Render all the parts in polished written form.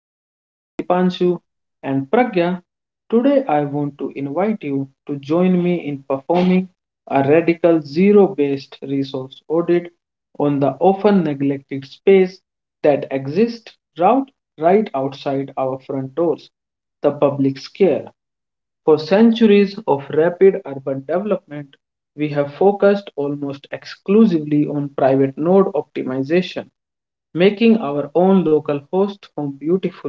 My name is Dipanshu and Pragya. Today, I want to invite you to join me in performing a radical zero based resource audit on the often neglected space that exists route right outside our front doors, the public square. For centuries of rapid urban development, we have focused almost exclusively on private node optimization, making our own local host home beautiful,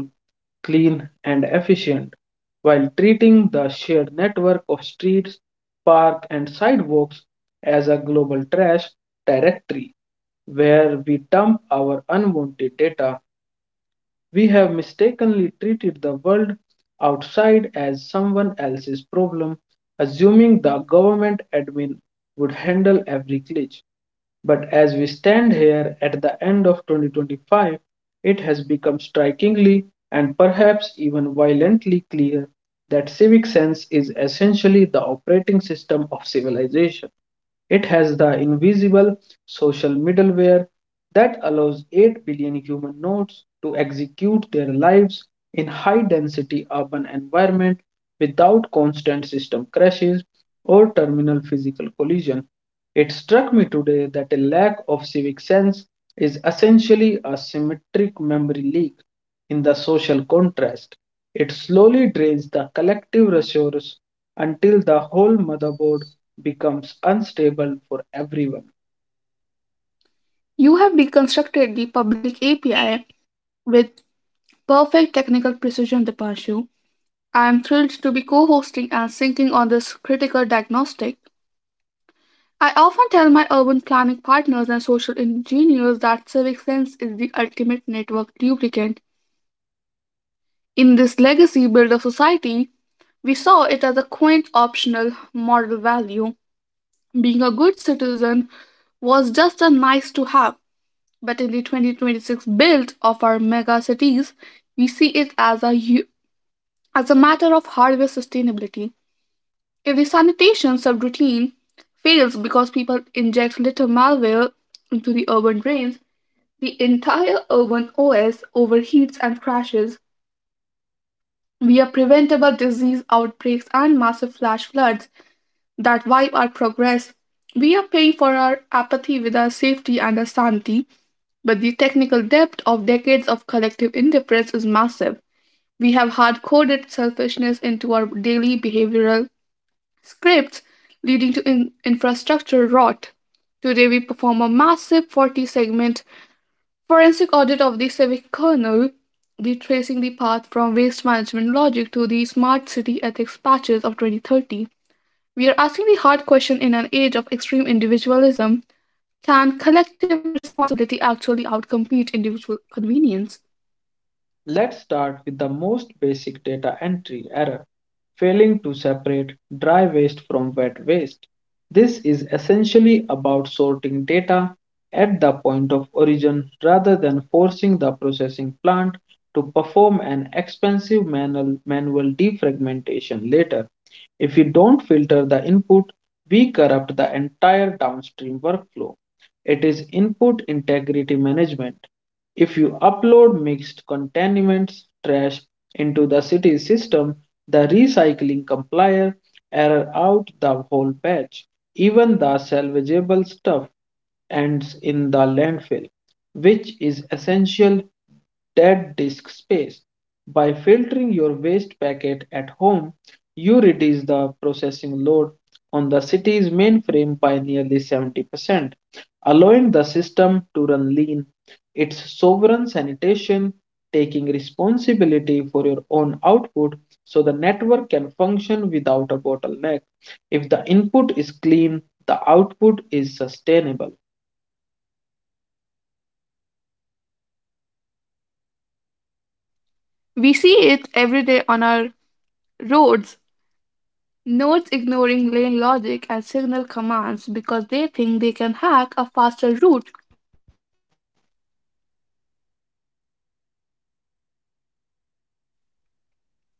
clean, and efficient, while treating the shared network of streets, parks, and sidewalks as a global trash directory where we dump our unwanted data. We have mistakenly treated the world outside as someone else's problem, assuming the government admin would handle every glitch. But as we stand here at the end of 2025, it has become strikingly and perhaps even violently clear that civic sense is essentially the operating system of civilization. It has the invisible social middleware that allows 8 billion human nodes to execute their lives in high density urban environment without constant system crashes or terminal physical collision. It struck me today that a lack of civic sense is essentially a symmetric memory leak in the social contrast. It slowly drains the collective resource until the whole motherboard becomes unstable for everyone. You have deconstructed the public API with perfect technical precision, Dipanshu. I am thrilled to be co hosting and syncing on this critical diagnostic. I often tell my urban planning partners and social engineers that civic sense is the ultimate network lubricant. In this legacy build of society, we saw it as a quaint optional moral value. Being a good citizen was just a nice to have. But in the 2026 build of our mega cities, we see it as a matter of hardware sustainability. If the sanitation subroutine fails because people inject little malware into the urban drains, the entire urban OS overheats and crashes. We have preventable disease outbreaks and massive flash floods that wipe our progress. We are paying for our apathy with our safety and our sanity. But the technical depth of decades of collective indifference is massive. We have hard coded selfishness into our daily behavioral scripts, leading to infrastructure rot. Today, we perform a massive 40 segment forensic audit of the civic kernel, retracing the path from waste management logic to the smart city ethics patches of 2030. We are asking the hard question: in an age of extreme individualism, can collective responsibility actually outcompete individual convenience? Let's start with the most basic data entry error, failing to separate dry waste from wet waste. This is essentially about sorting data at the point of origin rather than forcing the processing plant to perform an expensive manual defragmentation later. If we don't filter the input, we corrupt the entire downstream workflow. It is input integrity management. If you upload mixed contaminants trash into the city system, the recycling compiler error out the whole batch, even the salvageable stuff ends in the landfill, which is essential dead disk space. By filtering your waste packet at home, you reduce the processing load on the city's mainframe by nearly 70%, allowing the system to run lean its sovereign sanitation, taking responsibility for your own output so the network can function without a bottleneck. If the input is clean, the output is sustainable. We see it every day on our roads. Nodes ignoring lane logic and signal commands because they think they can hack a faster route.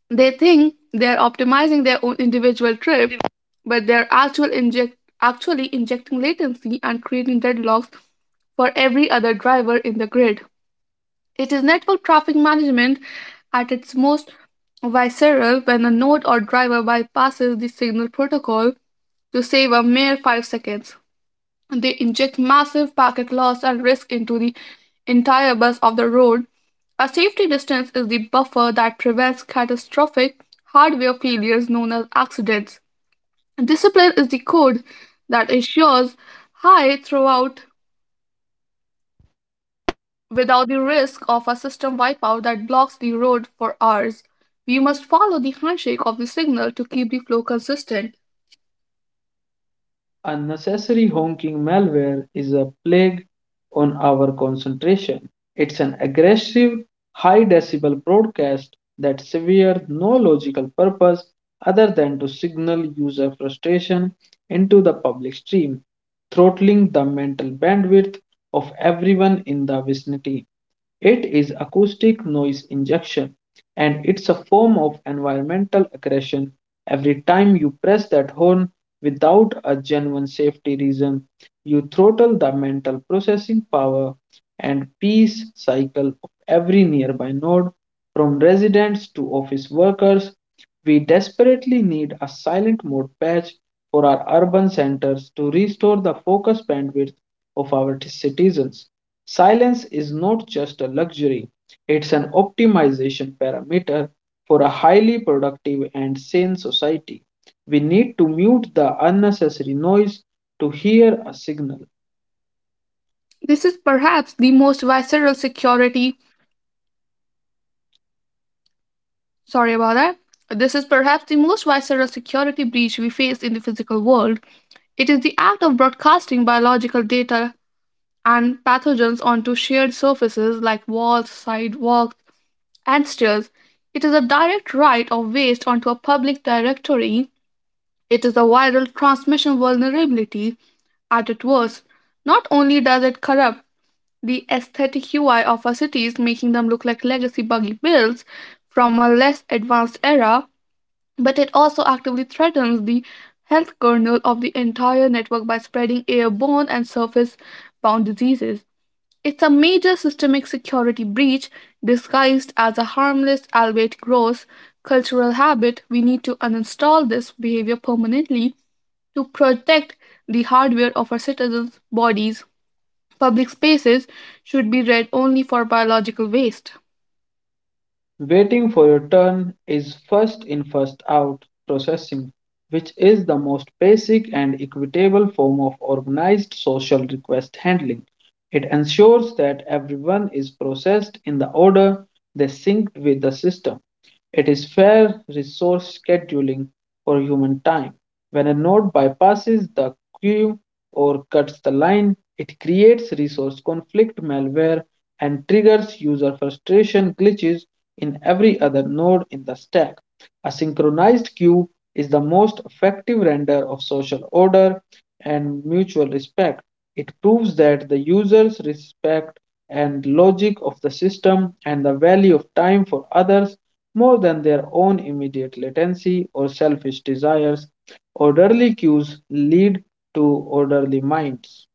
They think they're optimizing their own individual trip, but they're actually injecting latency and creating deadlocks for every other driver in the grid. It is network traffic management at its most visceral when a node or driver bypasses the signal protocol to save a mere 5 seconds. They inject massive packet loss and risk into the entire bus of the road. A safety distance is the buffer that prevents catastrophic hardware failures known as accidents. Discipline is the code that ensures high throughput without the risk of a system wipeout that blocks the road for hours. We must follow the handshake of the signal to keep the flow consistent. Unnecessary honking malware is a plague on our concentration. It's an aggressive, high decibel broadcast that severe no logical purpose other than to signal user frustration into the public stream, throttling the mental bandwidth of everyone in the vicinity. It is acoustic noise injection, and it's a form of environmental aggression. Every time you press that horn without a genuine safety reason, you throttle the mental processing power and peace cycle of every nearby node, from residents to office workers. We desperately need a silent mode patch for our urban centers to restore the focus bandwidth of our citizens. Silence is not just a luxury, it's an optimization parameter for a highly productive and sane society. We need to mute the unnecessary noise to hear a signal. This is perhaps the most visceral security. Sorry about that. This is perhaps the most visceral security breach we face in the physical world. It is the act of broadcasting biological data and pathogens onto shared surfaces like walls, sidewalks, and stairs. It is a direct write of waste onto a public directory. It is a viral transmission vulnerability at its worst. Not only does it corrupt the aesthetic UI of our cities, making them look like legacy buggy builds from a less advanced era, but it also actively threatens the health kernel of the entire network by spreading airborne and surface bound diseases. It's a major systemic security breach disguised as a harmless, albeit gross, cultural habit. We need to uninstall this behavior permanently to protect the hardware of our citizens' bodies. Public spaces should be read only for biological waste. Waiting for your turn is first in, first out processing, which is the most basic and equitable form of organized social request handling. It ensures that everyone is processed in the order they synced with the system. It is fair resource scheduling for human time. When a node bypasses the queue or cuts the line, it creates resource conflict malware and triggers user frustration glitches in every other node in the stack. A synchronized queue is the most effective render of social order and mutual respect. It proves that the users respect and logic of the system and the value of time for others more than their own immediate latency or selfish desires. Orderly cues lead to orderly minds.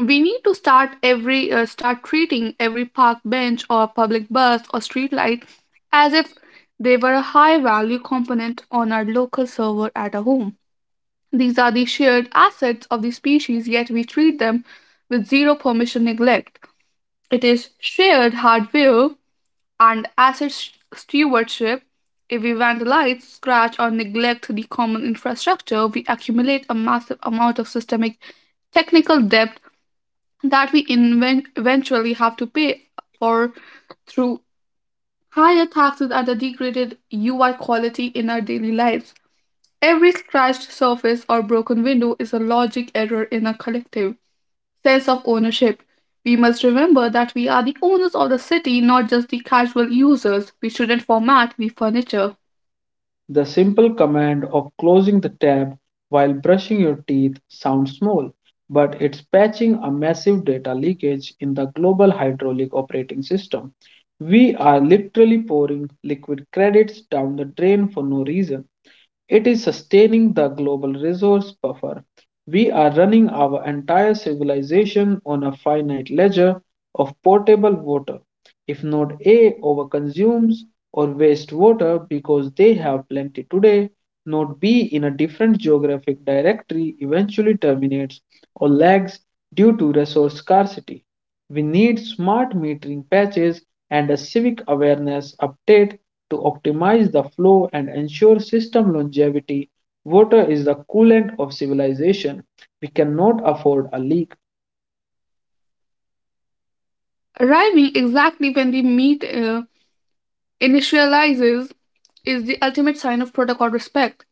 We need to start treating every park bench or public bus or street light as if they were a high value component on our local server at a home. These are the shared assets of the species, yet we treat them with zero permission neglect. It is shared hardware and asset stewardship. If we vandalize, scratch, or neglect the common infrastructure, we accumulate a massive amount of systemic technical debt that we eventually have to pay for through higher taxes and a degraded UI quality in our daily lives. Every scratched surface or broken window is a logic error in a collective sense of ownership. We must remember that we are the owners of the city, not just the casual users. We shouldn't format the furniture. The simple command of closing the tab while brushing your teeth sounds small, but it's patching a massive data leakage in the global hydraulic operating system. We are literally pouring liquid credits down the drain for no reason. It is sustaining the global resource buffer. We are running our entire civilization on a finite ledger of potable water. If node A overconsumes or wastes water because they have plenty today, node B in a different geographic directory eventually terminates or lags due to resource scarcity. We need smart metering patches and a civic awareness update to optimize the flow and ensure system longevity. Water is the coolant of civilization. We cannot afford a leak. Arriving exactly when the meet initializes is the ultimate sign of protocol respect.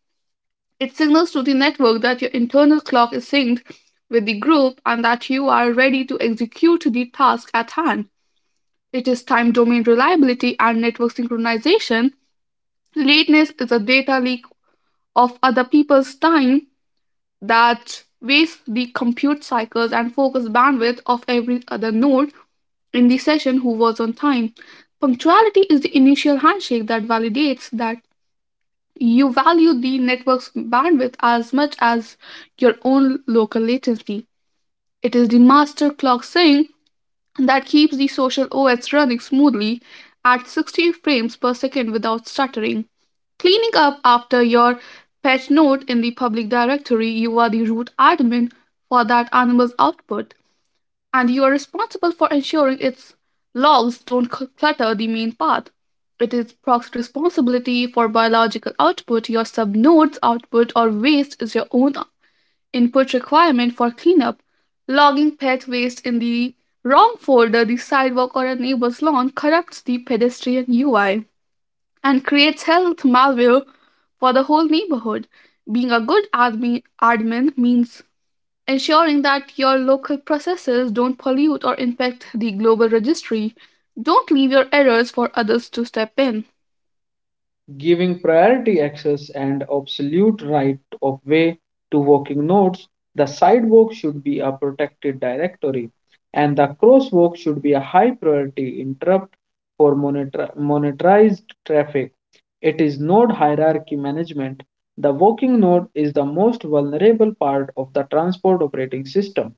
It signals to the network that your internal clock is synced with the group and that you are ready to execute the task at hand. It is time domain reliability and network synchronization. Lateness is a data leak of other people's time that wastes the compute cycles and focus bandwidth of every other node in the session who was on time. Punctuality is the initial handshake that validates that you value the network's bandwidth as much as your own local latency. It is the master clock saying that keeps the social OS running smoothly at 60 frames per second without stuttering. Cleaning up after your patch note in the public directory, you are the root admin for that animal's output, and you are responsible for ensuring its logs don't clutter the main path. It is Proc's responsibility for biological output. Your subnode's output or waste is your own input requirement for cleanup. Logging pet waste in the wrong folder, the sidewalk, or a neighbor's lawn corrupts the pedestrian UI and creates health malware for the whole neighborhood. Being a good admin means ensuring that your local processes don't pollute or impact the global registry. Don't leave your errors for others to step in. Giving priority access and absolute right of way to walking nodes, the sidewalk should be a protected directory and the crosswalk should be a high priority interrupt for monitorized traffic. It is node hierarchy management. The walking node is the most vulnerable part of the transport operating system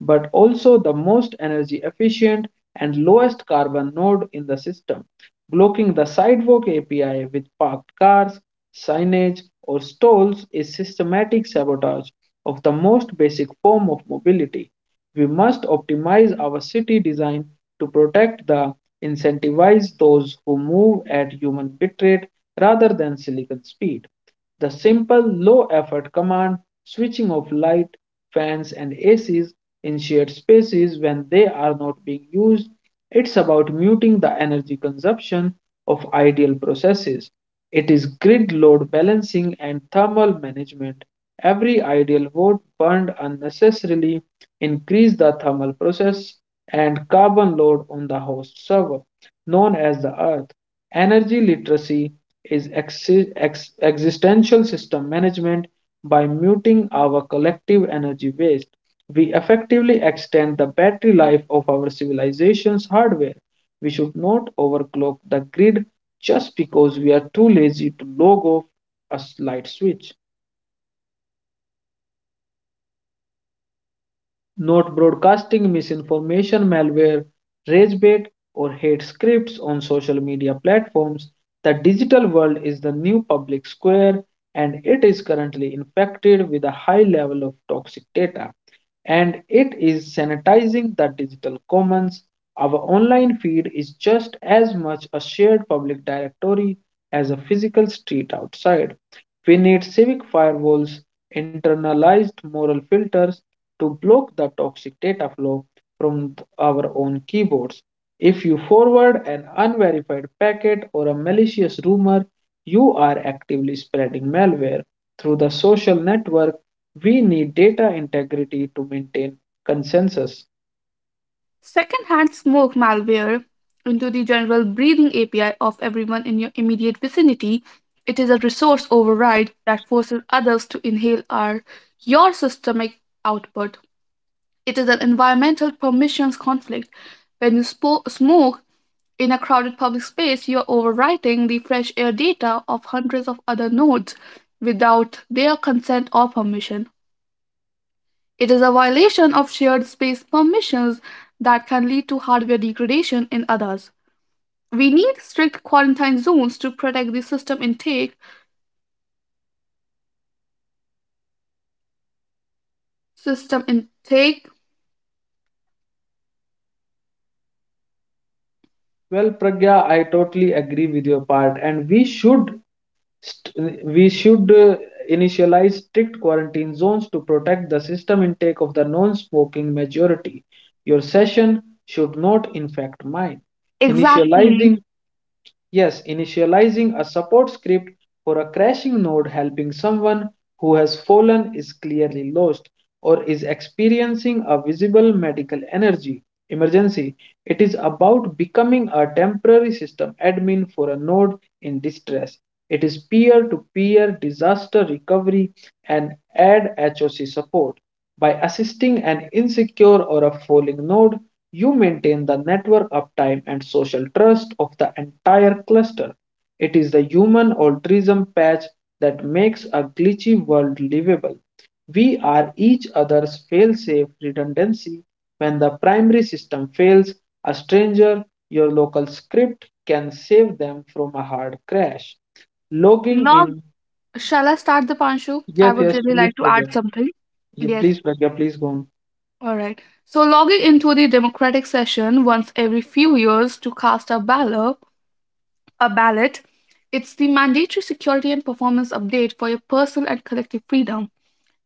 but also the most energy efficient and lowest carbon node in the system. Blocking the sidewalk API with parked cars, signage, or stalls is systematic sabotage of the most basic form of mobility. We must optimize our city design to protect the incentivize those who move at human bitrate rather than silicon speed. The simple low effort command, switching off light, fans, and ACs in shared spaces when they are not being used, it's about muting the energy consumption of ideal processes. It is grid load balancing and thermal management. Every ideal watt burned unnecessarily increases the thermal process and carbon load on the host server, known as the earth. Energy literacy is existential system management. By muting our collective energy waste, we effectively extend the battery life of our civilization's hardware. We should not overclock the grid just because we are too lazy to log off a light switch. Not broadcasting misinformation, malware, rage bait, or hate scripts on social media platforms. The digital world is the new public square and it is currently infected with a high level of toxic data, and it is sanitizing the digital commons. Our online feed is just as much a shared public directory as a physical street outside. We need civic firewalls, internalized moral filters, to block the toxic data flow from our own keyboards. If you forward an unverified packet or a malicious rumor, you are actively spreading malware through the social network. We need data integrity to maintain consensus. Secondhand smoke malware into the general breathing API of everyone in your immediate vicinity. It is a resource override that forces others to inhale your systemic output. It is an environmental permissions conflict. When you smoke, in a crowded public space, you're overwriting the fresh air data of hundreds of other nodes without their consent or permission. It is a violation of shared space permissions that can lead to hardware degradation in others. We need strict quarantine zones to protect the system intake. System intake? Well, Pragya, I totally agree with your part, and we should we should initialize strict quarantine zones to protect the system intake of the non-smoking majority. Your session should not infect mine. Exactly. Initializing. Yes, initializing a support script for a crashing node, helping someone who has fallen, is clearly lost, or is experiencing a visible medical energy emergency. It is about becoming a temporary system admin for a node in distress. It is peer to peer disaster recovery and ad HOC support. By assisting an insecure or a failing node, you maintain the network uptime and social trust of the entire cluster. It is the human altruism patch that makes a glitchy world livable. We are each other's fail-safe redundancy. When the primary system fails, a stranger, your local script, can save them from a hard crash. Logging Log. in. Shall I start the pancho? I Yes, would yes, really please, like to add Pragya. something. Yeah, Yes, please, Pragya, please go on. all right. So logging into the democratic session once every few years to cast a ballot, it's the mandatory security and performance update for your personal and collective freedom.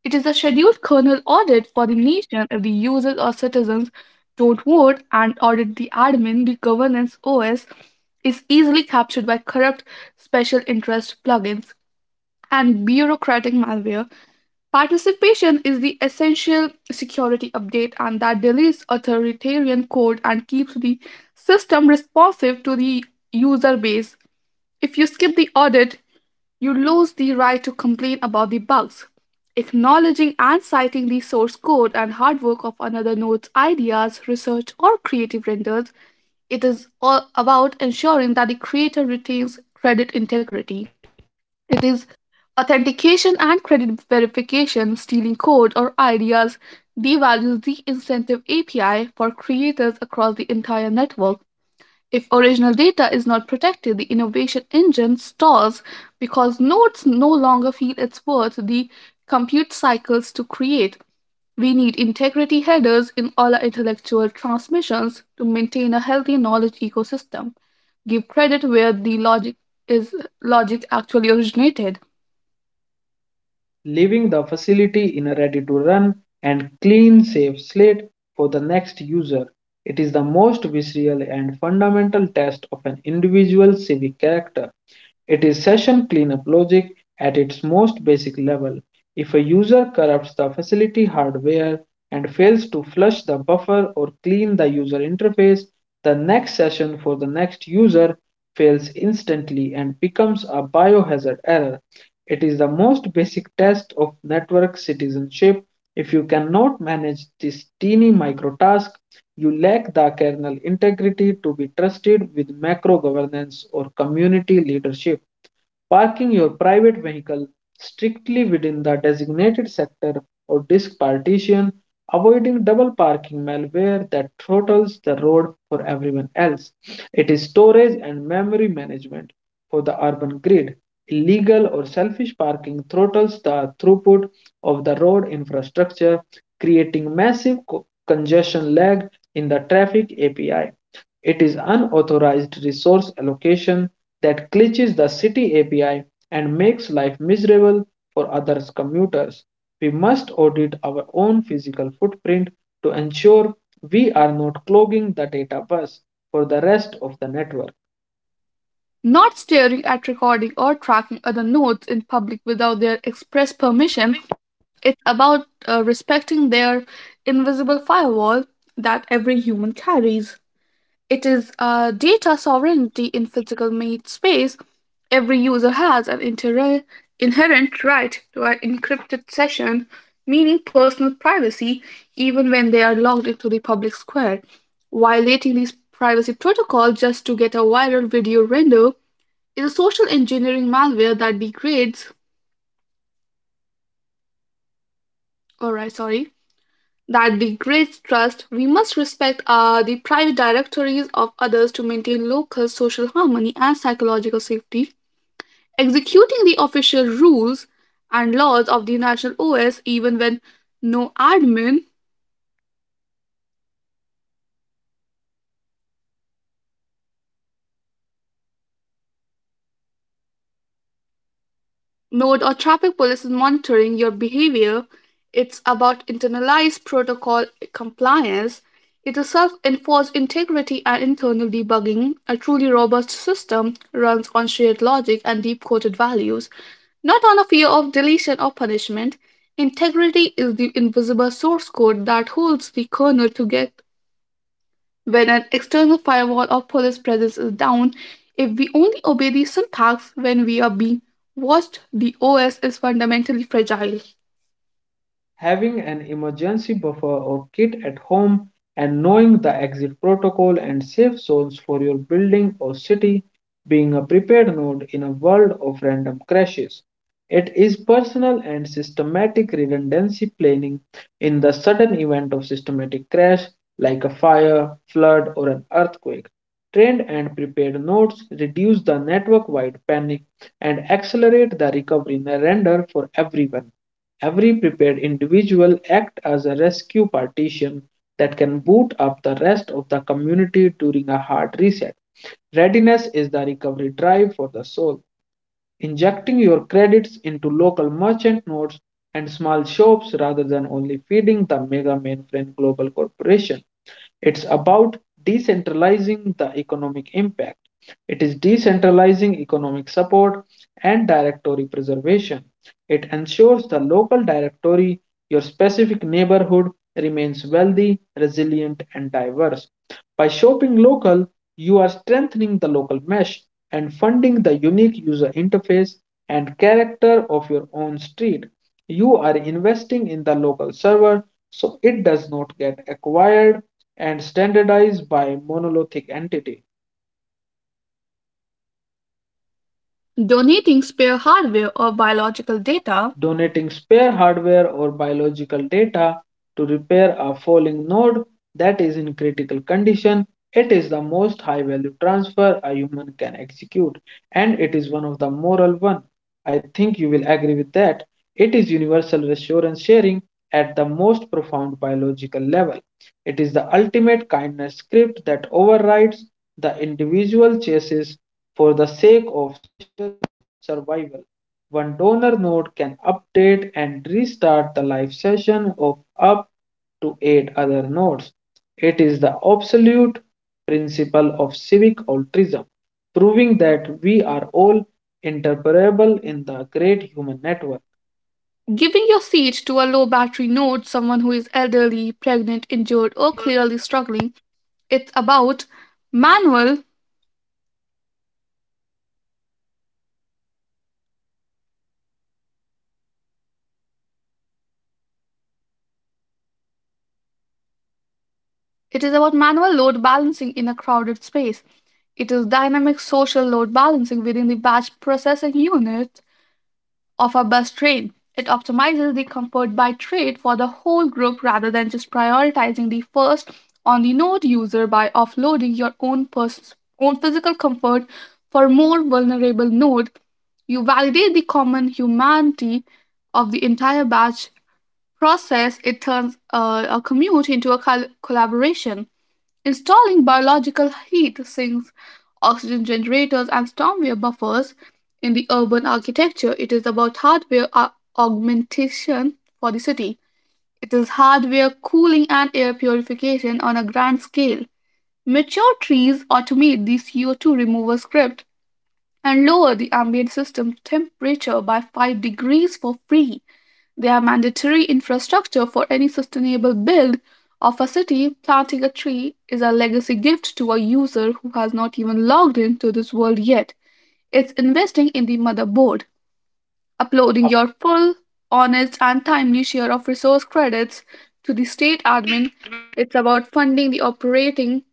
It is a scheduled kernel audit for the nation. If the users or citizens don't vote and audit the admin, the governance OS is easily captured by corrupt special interest plugins and bureaucratic malware. Participation is the essential security update, and that deletes authoritarian code and keeps the system responsive to the user base. If you skip the audit, you lose the right to complain about the bugs. Acknowledging and citing the source code and hard work of another node's ideas, research, or creative renders, it is all about ensuring that the creator retains credit integrity. It is authentication and credit verification. Stealing code or ideas devalues the incentive API for creators across the entire network. If original data is not protected, the innovation engine stalls because nodes no longer feel it's worth the compute cycles to create. We need integrity headers in all our intellectual transmissions to maintain a healthy knowledge ecosystem. Give credit where the is logic actually originated. Leaving the facility in a ready-to-run and clean safe slate for the next user. It is the most visceral and fundamental test of an individual's civic character. It is session cleanup logic at its most basic level. If a user corrupts the facility hardware and fails to flush the buffer or clean the user interface, the next session for the next user fails instantly and becomes a biohazard error. It is the most basic test of network citizenship. If you cannot manage this teeny micro task, you lack the kernel integrity to be trusted with macro governance or community leadership. Parking your private vehicle strictly within the designated sector or disk partition, avoiding double parking malware that throttles the road for everyone else. It is storage and memory management for the urban grid. Illegal or selfish parking throttles the throughput of the road infrastructure, creating massive congestion lag in the traffic API. It is unauthorized resource allocation that glitches the city API and makes life miserable for other commuters. We must audit our own physical footprint to ensure we are not clogging the data bus for the rest of the network. Not staring at recording or tracking other notes in public without their express permission. It's about respecting their invisible firewall that every human carries. It is data sovereignty in physical made space. Every user has an inherent right to an encrypted session, meaning personal privacy, even when they are logged into the public square. Violating these privacy protocols just to get a viral video render is a social engineering malware that alright, sorry, degrades trust. We must respect the private directories of others to maintain local social harmony and psychological safety. Executing the official rules and laws of the national OS, even when no admin mode or traffic police is monitoring your behavior. It's about internalized protocol compliance. It is self enforced integrity and internal debugging. A truly robust system runs on shared logic and deep coded values, not on a fear of deletion or punishment. Integrity is the invisible source code that holds the kernel together when an external firewall or police presence is down. If we only obey these syntax when we are being watched, the OS is fundamentally fragile. Having an emergency buffer or kit at home and knowing the exit protocol and safe zones for your building or city, being a prepared node in a world of random crashes. It is personal and systematic redundancy planning in the sudden event of systematic crash like a fire, flood, or an earthquake. Trained and prepared nodes reduce the network wide panic and accelerate the recovery in render for everyone. Every prepared individual acts as a rescue partition that can boot up the rest of the community during a hard reset. Readiness is the recovery drive for the soul. Injecting your credits into local merchant nodes and small shops rather than only feeding the mega mainframe global corporation. It's about decentralizing the economic impact. It is decentralizing economic support and directory preservation. It ensures the local directory, your specific neighborhood, remains wealthy, resilient, and diverse. By shopping local, you are strengthening the local mesh and funding the unique user interface and character of your own street. You are investing in the local server so it does not get acquired and standardized by monolithic entity. Donating spare hardware or biological data, Donating spare hardware or biological data to repair a falling node that is in critical condition, it is the most high value transfer a human can execute, and it is one of the moral one. I think you will agree with that. It is universal reassurance sharing at the most profound biological level. It is the ultimate kindness script that overrides the individual chases for the sake of survival. One donor node can update and restart the live session of up to eight other nodes. It is the absolute principle of civic altruism, proving that we are all interoperable in the great human network. giving your seat to a low battery node, someone who is elderly, pregnant, injured, or clearly struggling, it's about manual. it is about manual load balancing in a crowded space. It is dynamic social load balancing within the batch processing unit of a bus train. It optimizes the comfort by trade for the whole group rather than just prioritizing the first on the node user by offloading your own physical comfort for more vulnerable node. You validate the common humanity of the entire batch process. It turns a commute into a collaboration. Installing biological heat sinks, oxygen generators, and stormwater buffers in the urban architecture, it is about hardware augmentation for the city. It is hardware cooling and air purification on a grand scale. Mature trees automate the CO2 removal script and lower the ambient system temperature by 5 degrees for free. They are mandatory infrastructure for any sustainable build of a city. Planting a tree is a legacy gift to a user who has not even logged into this world yet. It's investing in the motherboard, uploading your A full, honest, and timely share of resource credits to the state admin. It's about funding the operating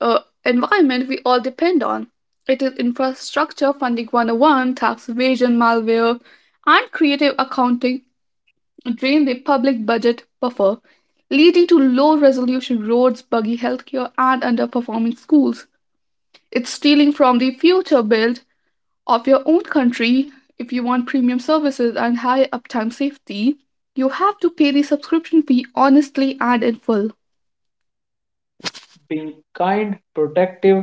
uh, environment we all depend on. It is infrastructure funding 101. Tax evasion, malware, and creative accounting drain the public budget buffer, leading to low resolution roads, buggy healthcare, and underperforming schools. It's stealing from the future build of your own country. If you want premium services and high uptime safety, you have to pay the subscription fee honestly and in full. being kind, protective,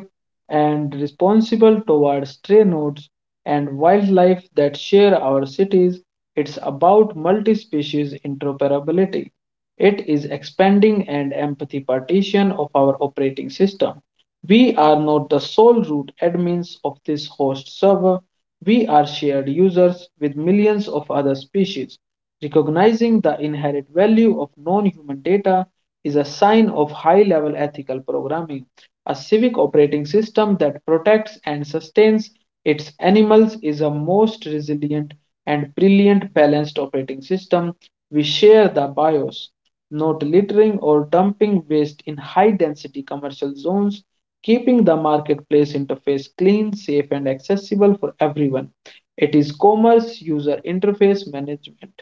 and responsible toward stray nodes and wildlife that share our cities, it's about multi species interoperability. It is expanding and empathy partition of our operating system. We are not the sole root admins of this host server. We are shared users with millions of other species. Recognizing the inherent value of non human data is a sign of high level ethical programming. A civic operating system that protects and sustains its animals is a most resilient and brilliant balanced operating system. We share the BIOS. Not littering or dumping waste in high density commercial zones, keeping the marketplace interface clean, safe, and accessible for everyone. It is commerce user interface management.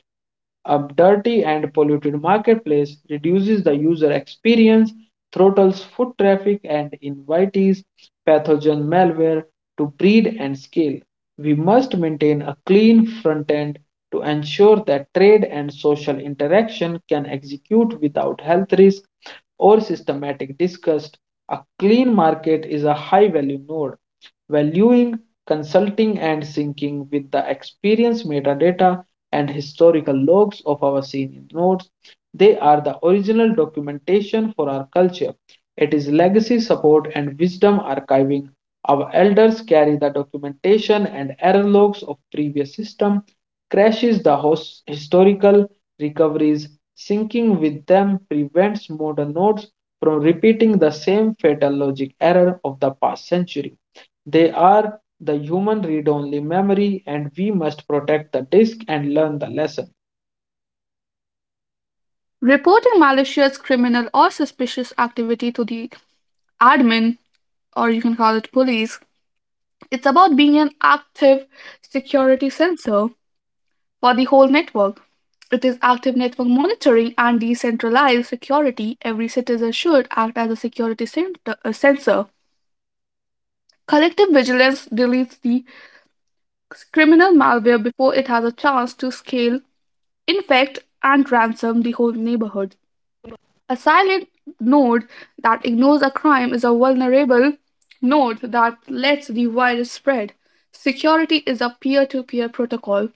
A dirty and polluted marketplace reduces the user experience, throttles foot traffic, and invites pathogen malware to breed and scale. We must maintain a clean front end to ensure that trade and social interaction can execute without health risk or systematic disgust. A clean market is a high value node valuing, consulting, and syncing with the experience metadata and historical logs of our senior nodes. They are the original documentation for our culture. It is legacy support and wisdom archiving. Our elders carry the documentation and error logs of previous system, crashes the host historical recoveries, syncing with them prevents modern nodes from repeating the same fatal logic error of the past century. They are the human read-only memory, and we must protect the disk and learn the lesson. Reporting malicious, criminal, or suspicious activity to the admin, or you can call it police, it's about being an active security sensor for the whole network. It is active network monitoring and decentralized security. Every citizen should act as a security center, a sensor. Collective vigilance deletes the criminal malware before it has a chance to scale, infect, and ransom the whole neighborhood. A silent node that ignores a crime is a vulnerable node that lets the virus spread. Security is a peer to peer protocol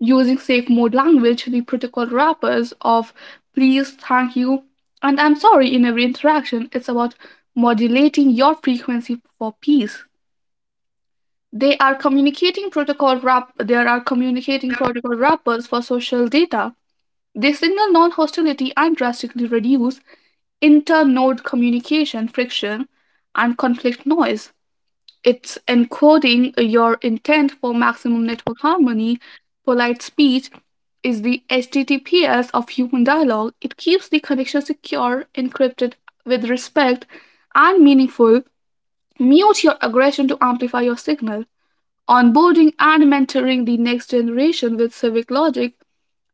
using safe mode language, the protocol wrappers of please, thank you, and I'm sorry in every interaction. It's about modulating your frequency for peace. They are communicating protocol wrap there are communicating protocol wrappers for social data. They signal non-hostility and drastically reduce inter-node communication friction and conflict noise. It's encoding your intent for maximum network harmony. Polite speech is the HTTPS of human dialogue. It keeps the connection secure, encrypted with respect, and meaningful. Mute your aggression to amplify your signal. Onboarding and mentoring the next generation with civic logic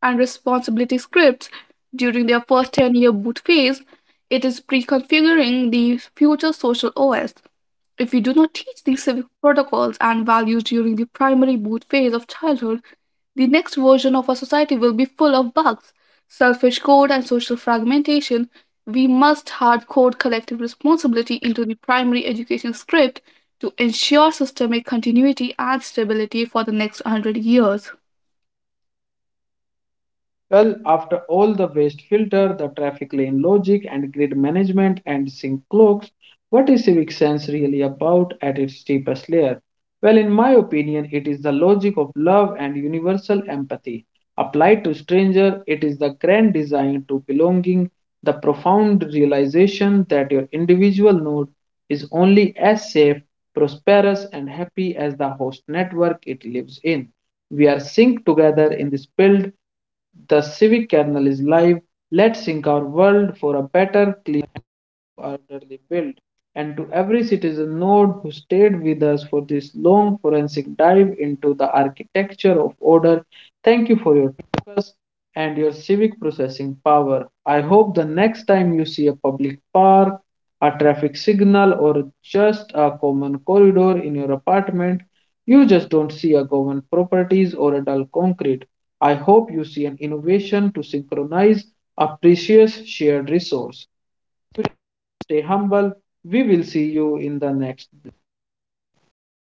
and responsibility scripts during their first 10-year boot phase, it is pre configuring the future social OS. If we do not teach these civic protocols and values during the primary boot phase of childhood, the next version of our society will be full of bugs, selfish code, and social fragmentation. We must hard code collective responsibility into the primary education script to ensure systemic continuity and stability for the next 100 years. Well, after all the waste filter, the traffic lane logic, and grid management and sync clocks, what is civic sense really about at its deepest layer? Well, in my opinion, it is the logic of love and universal empathy. Applied to stranger, it is the grand design to belonging, the profound realization that your individual node is only as safe, prosperous, and happy as the host network it lives in. We are synced together in this build. The Civic Kernel is live. Let's sync our world for a better, clean, orderly build. And to every citizen node who stayed with us for this long forensic dive into the architecture of order, thank you for your focus and your civic processing power. I hope the next time you see a public park, a traffic signal, or just a common corridor in your apartment, you just don't see a government properties or a dull concrete. I hope you see an innovation to synchronize a precious shared resource. Stay humble. We will see you in the next.